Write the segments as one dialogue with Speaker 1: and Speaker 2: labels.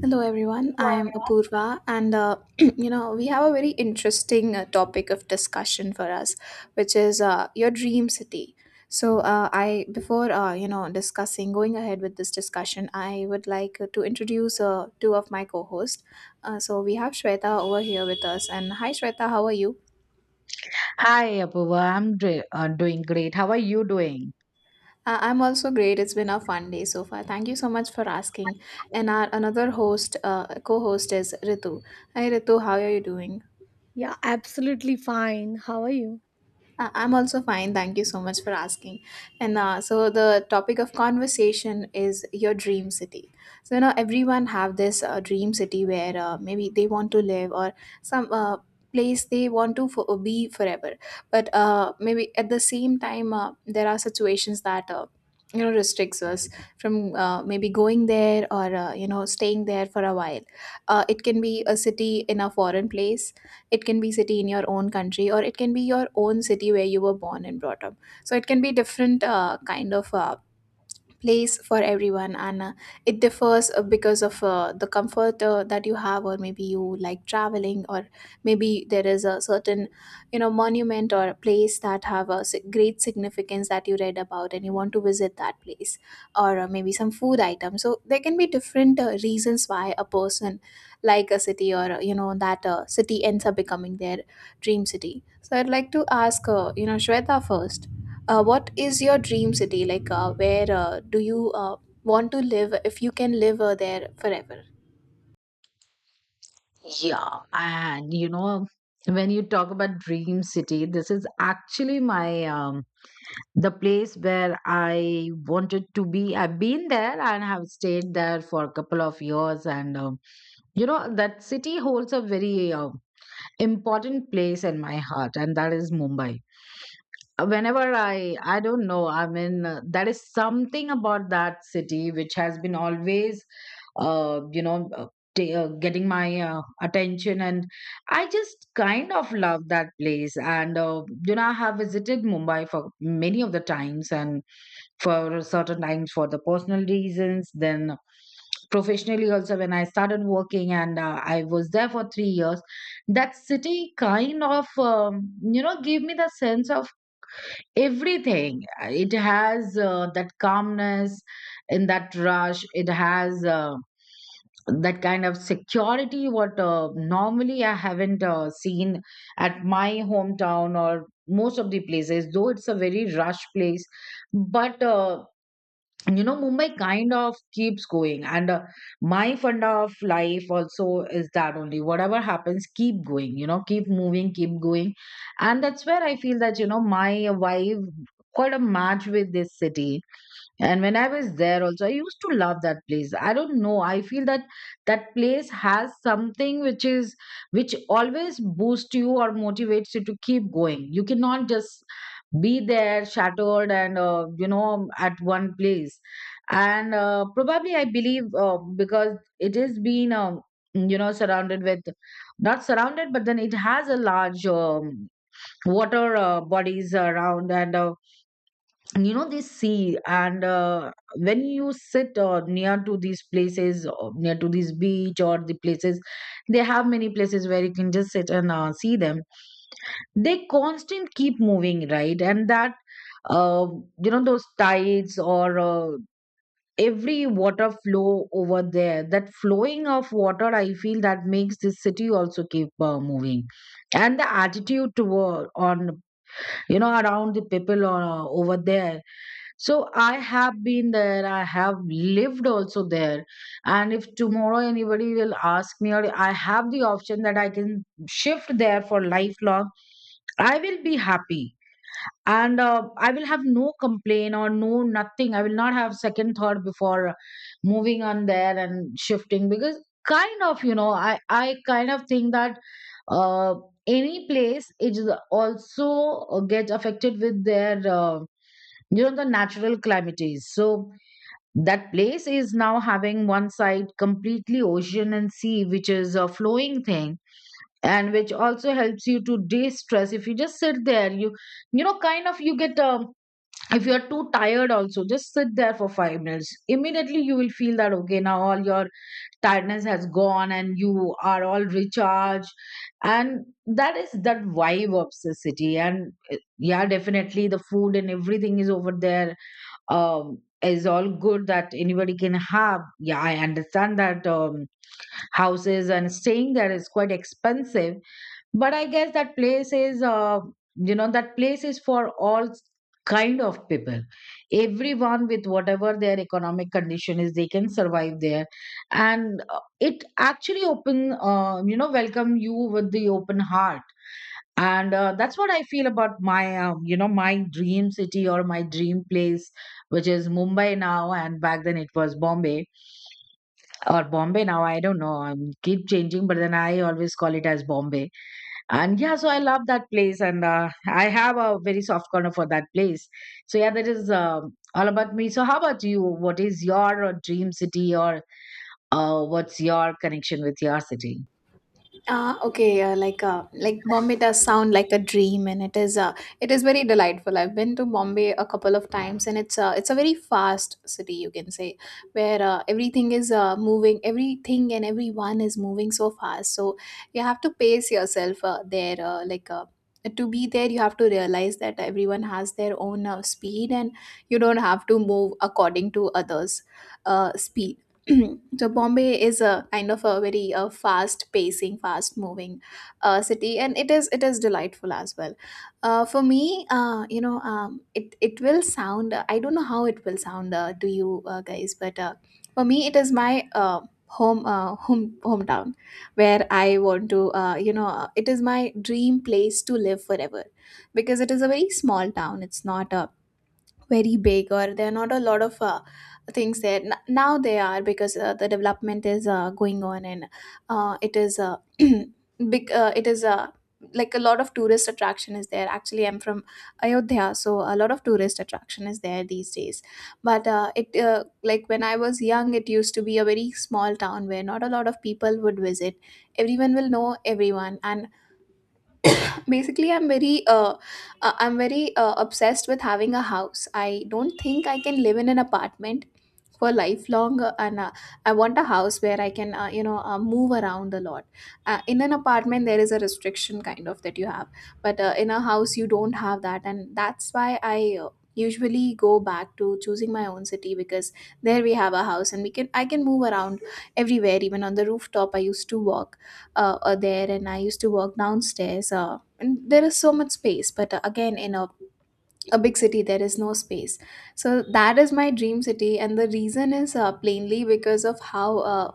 Speaker 1: Hello everyone, I am Apurva, and we have a very interesting topic of discussion for us, which is your dream city. So I before you know discussing going ahead with this discussion, I would like to introduce two of my co-hosts. So we have Shweta over here with us, and hi Shweta, how are you?
Speaker 2: Hi, Apoorva. I'm doing great. How are you doing?
Speaker 1: I'm also great. It's been a fun day so far. Thank you so much for asking. And our another host, co-host is Ritu. Hi Ritu, how are you doing?
Speaker 3: Yeah, absolutely fine. How are you?
Speaker 1: I'm also fine. Thank you so much for asking. And so the topic of conversation is your dream city. So everyone have this dream city where maybe they want to live or some place they want to be forever. But maybe at the same time there are situations that restricts us from maybe going there or staying there for a while. It can be a city in a foreign place, it can be city in your own country, or it can be your own city where you were born and brought up. So it can be different kind of place for everyone, and it differs because of the comfort that you have, or maybe you like traveling, or maybe there is a certain monument or place that have a great significance that you read about and you want to visit that place. Or maybe some food item. So there can be different reasons why a person like a city, or that city ends up becoming their dream city. So I'd like to ask Shweta first. What is your dream city like? Where do you want to live if you can live there forever?
Speaker 2: Yeah, and you know, when you talk about Dream City, this is actually my the place where I wanted to be. I've been there and have stayed there for a couple of years, and you know that city holds a very important place in my heart, and that is Mumbai. Whenever I don't know, I mean, there is something about that city which has been always, uh, you know, uh, getting my attention, and I just kind of love that place. And you know, I have visited Mumbai for many of the times, and for certain times for the personal reasons, then professionally also when I started working and I was there for 3 years. That city kind of um, you know, gave me the sense of everything. It has that calmness in that rush. It has that kind of security what normally I haven't seen at my hometown or most of the places, though it's a very rush place. But you know, Mumbai kind of keeps going, and my fund of life also is that only, whatever happens, keep going, you know, keep moving, keep going. And that's where I feel that, you know, my vibe quite a match with this city. And when I was there also, I used to love that place. I don't know. I feel that that place has something which is, which always boosts you or motivates you to keep going. You cannot just be there shattered and, you know, at one place. And probably I believe because it has been, you know, surrounded with, not surrounded, but then it has a large water bodies around, and you know, this sea, and when you sit near to these places or near to this beach or the places, they have many places where you can just sit and see them. They constant keep moving, right? And that, uh, you know, those tides, or every water flow over there, that flowing of water, I feel that makes this city also keep moving, and the attitude toward on, you know, around the people over there. So I have been there, I have lived also there. And if tomorrow anybody will ask me, or I have the option that I can shift there for lifelong, I will be happy. And I will have no complaint or no nothing. I will not have second thought before moving on there and shifting, because kind of, you know, I kind of think that uh, any place is also get affected with their. You know, the natural calamities, so that place is now having one side completely ocean and sea, which is a flowing thing, and which also helps you to de-stress. If you just sit there, you know, kind of you get, if you're too tired also, just sit there for 5 minutes. Immediately you will feel that, okay, now all your tiredness has gone and you are all recharged. And that is that vibe of the city. And yeah, definitely the food and everything is over there, is all good that anybody can have. Yeah, I understand that houses and staying there is quite expensive, but I guess that place is, you know, that place is for all kind of people. Everyone with whatever their economic condition is, they can survive there, and it actually open, you know, welcome you with the open heart. And that's what I feel about my you know, my dream city or my dream place, which is Mumbai now, and back then it was Bombay. Or Bombay now, I don't know, I keep changing, but then I always call it as Bombay. And yeah, so I love that place, and I have a very soft corner for that place. So yeah, that is all about me. So how about you? What is your dream city, or what's your connection with your city?
Speaker 1: Ah, okay. Like Bombay does sound like a dream, and it is very delightful. I've been to Bombay a couple of times, and it's a very fast city, you can say, where everything is moving, everything and everyone is moving so fast. So you have to pace yourself there. To be there, you have to realize that everyone has their own speed, and you don't have to move according to others' speed. So Bombay is a kind of a very fast pacing, fast moving city, and it is delightful as well. For me, it will sound. I don't know how it will sound to you guys, but for me, it is my hometown where I want to. It is my dream place to live forever, because it is a very small town. It's not a very big, or there are not a lot of things there. Now they are, because the development is going on, and it is big it is like a lot of tourist attraction is there. Actually I'm from Ayodhya, so a lot of tourist attraction is there these days. But it like when I was young, it used to be a very small town where not a lot of people would visit. Everyone will know everyone. And basically I'm very I'm very obsessed with having a house. I don't think I can live in an apartment for lifelong, and I want a house where I can move around a lot. In an apartment there is a restriction kind of that you have, but in a house you don't have that. And that's why I usually go back to choosing my own city, because there we have a house, and we can I can move around everywhere. Even on the rooftop I used to walk there, and I used to walk downstairs, and there is so much space. But again in a big city there is no space. So that is my dream city, and the reason is plainly because of how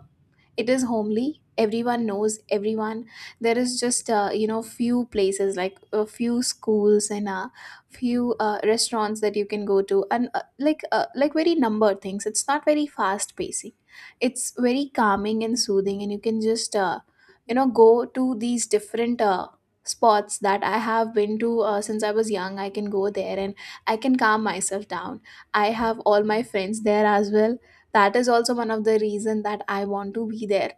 Speaker 1: it is homely. Everyone knows everyone. There is just few places, like a few schools and a few restaurants that you can go to, and like very numbered things. It's not very fast pacing, it's very calming and soothing, and you can just go to these different spots that I have been to since I was young. I can go there and I can calm myself down. I have all my friends there as well. That is also one of the reason that I want to be there.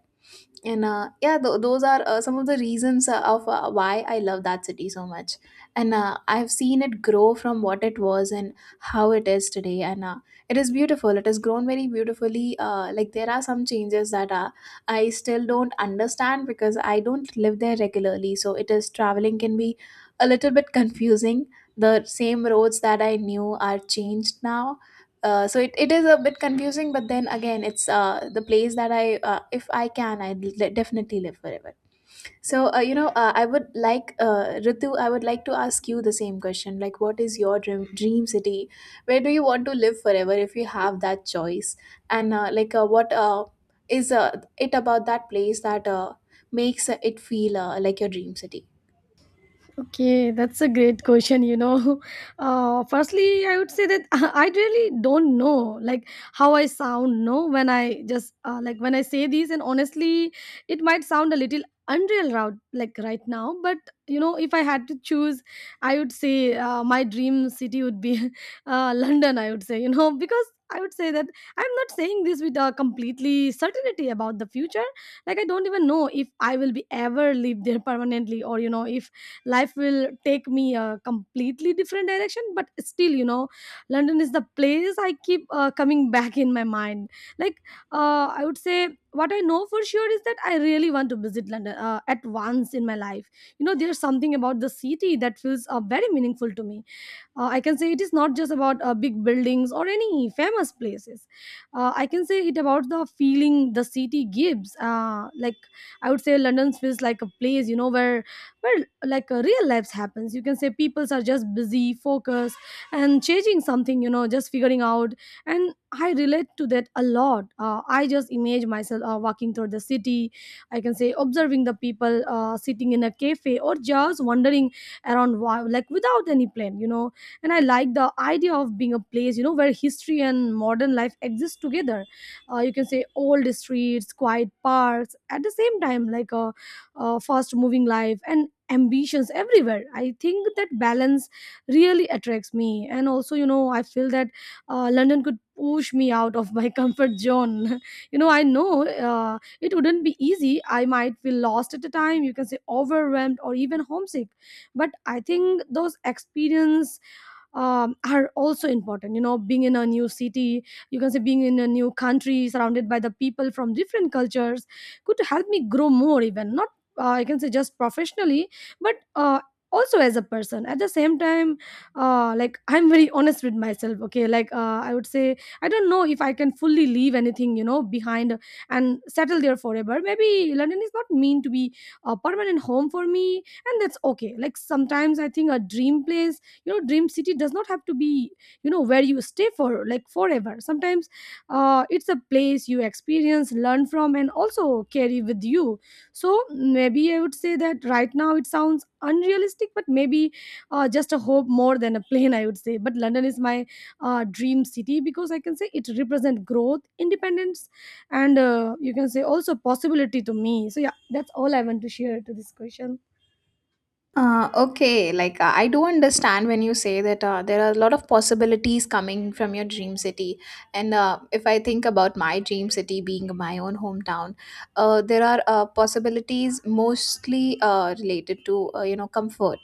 Speaker 1: And yeah, those are some of the reasons of why I love that city so much. And I've seen it grow from what it was and how it is today. And it is beautiful, it has grown very beautifully. Like there are some changes that I still don't understand, because I don't live there regularly, so it is traveling can be a little bit confusing. The same roads that I knew are changed now. So it is a bit confusing. But then again it's the place that I if I can, I definitely live forever. So I would like, Ritu, I would like to ask you the same question. Like what is your dream city? Where do you want to live forever if you have that choice? And what is it about that place that makes it feel like your dream city?
Speaker 3: Okay, that's a great question. You know, firstly, I would say that I really don't know, like how I sound. No, when I just like when I say these, and honestly, it might sound a little unreal, route like right now. But you know, if I had to choose, I would say my dream city would be London. I would say, you know, because I would say that I'm not saying this with a completely certainty about the future. Like I don't even know if I will be ever live there permanently, or you know, if life will take me a completely different direction, but still, you know, London is the place I keep coming back in my mind. like I would say what I know for sure is that I really want to visit London at once in my life. You know, there's something about the city that feels very meaningful to me. I can say it is not just about big buildings or any famous places. I can say it about the feeling the city gives, like I would say London feels like a place, you know, where like real life happens. You can say peoples are just busy, focused, and changing something, you know, just figuring out. And I relate to that a lot. I just imagine myself walking through the city, I can say observing the people, sitting in a cafe or just wandering around like without any plan, you know. And I like the idea of being a place, you know, where history and modern life exist together. You can say old streets, quiet parks, at the same time like a fast moving life and ambitions everywhere. I think that balance really attracts me. And also, you know, I feel that London could push me out of my comfort zone. You know, I know it wouldn't be easy. I might feel lost at the time, you can say overwhelmed or even homesick. But I think those experience are also important. You know, being in a new city, you can say being in a new country surrounded by the people from different cultures, could help me grow more, even not I can say just professionally, but also as a person at the same time. Like, I'm very honest with myself, okay? Like, I would say I don't know if I can fully leave anything, you know, behind and settle there forever. Maybe London is not meant to be a permanent home for me, and that's okay. Like, sometimes I think a dream place, you know, dream city does not have to be, you know, where you stay for like forever. Sometimes it's a place you experience, learn from, and also carry with you. So maybe I would say that right now it sounds unrealistic, but maybe just a hope more than a plane, I would say. But London is my dream city because I can say it represents growth, independence, and you can say also possibility to me. So yeah, that's all I want to share to this question.
Speaker 1: Okay, I do understand when you say that there are a lot of possibilities coming from your dream city. And if I think about my dream city being my own hometown, there are possibilities mostly related to, comfort,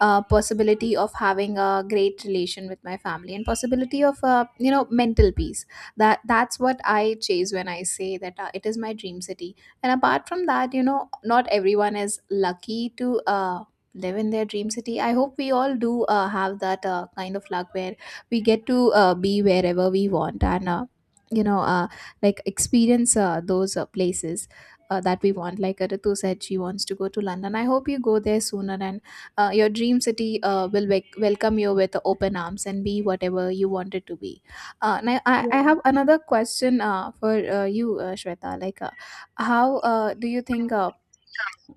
Speaker 1: possibility of having a great relation with my family, and possibility of, mental peace. That's what I chase when I say that it is my dream city. And apart from that, you know, not everyone is lucky to. Live in their dream city. I hope we all do have that kind of luck where we get to be wherever we want, and you know uh, like experience those places that we want. Like Ritu said she wants to go to London, I hope you go there sooner, and your dream city will welcome you with open arms and be whatever you want it to be. Now I
Speaker 3: Yeah,
Speaker 1: have another question for you, Shweta. Like how Do you think, uh,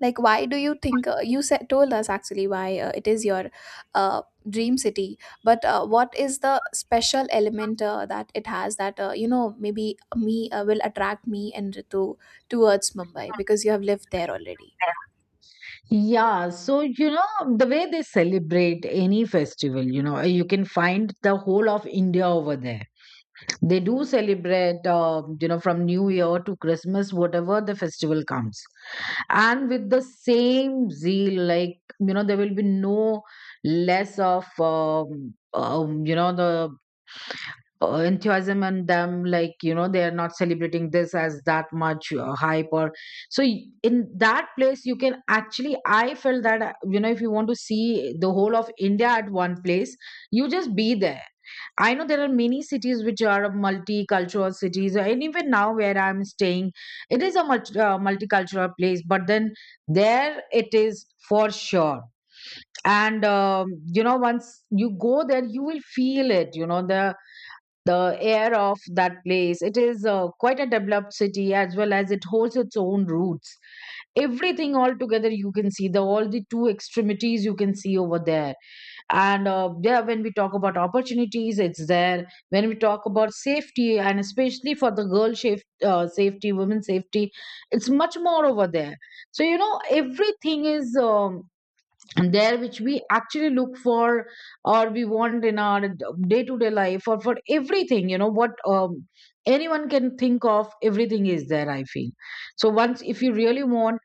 Speaker 1: like why do you think, you said told us actually, why it is your uh, dream city? But what is the special element that it has that maybe me will attract me and Ritu towards Mumbai, because you have lived there already.
Speaker 2: Yeah, so you know, the way they celebrate any festival, you know, you can find the whole of India over there. They do celebrate, you know, from New Year to Christmas, whatever the festival comes. And with the same zeal, like, you know, there will be no less of, you know, the enthusiasm and them, like, you know, they are not celebrating this as that much hype or so, in that place you can actually, I felt that you know, if you want to see the whole of India at one place, you just be there. I know there are many cities which are multicultural cities, and even now where I'm staying, it is a multicultural place. But then there it is for sure, and you know, once you go there, you will feel it. You know, the air of that place. It is quite a developed city as well as it holds its own roots. Everything all together, you can see the all the two extremities you can see over there. And yeah, when we talk about opportunities, it's there. When we talk about safety, and especially for the girl safety, women safety, it's much more over there. So you know, everything is. And there which we actually look for or we want in our day to day life, or for everything, you know, what anyone can think of, everything is there, I feel. So once, if you really want,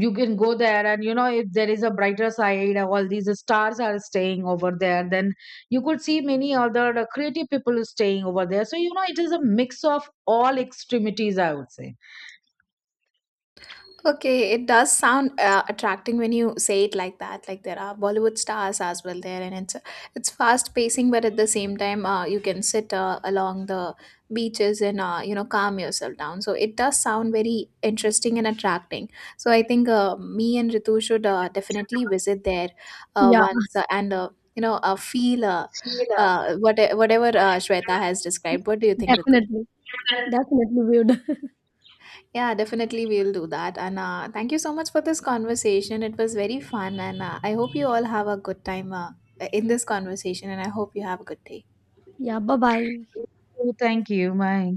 Speaker 2: you can go there. And you know, if there is a brighter side, all these stars are staying over there, then you could see many other creative people staying over there. So you know, it is a mix of all extremities, I would say.
Speaker 1: Okay, it does sound attracting when you say it like that. Like there are Bollywood stars as well there, and it's fast pacing, but at the same time, you can sit along the beaches, and calm yourself down. So it does sound very interesting and attracting. So I think me and Ritu should definitely visit there
Speaker 3: yeah,
Speaker 1: once, and you know feel whatever Shweta has described. What do you think, Ritu?
Speaker 3: definitely, definitely weird.
Speaker 1: Yeah, definitely we'll do that. And thank you so much for this conversation. It was very fun, and I hope you all have a good time in this conversation. And I hope you have a good day.
Speaker 3: Yeah, bye bye.
Speaker 2: Thank you, bye.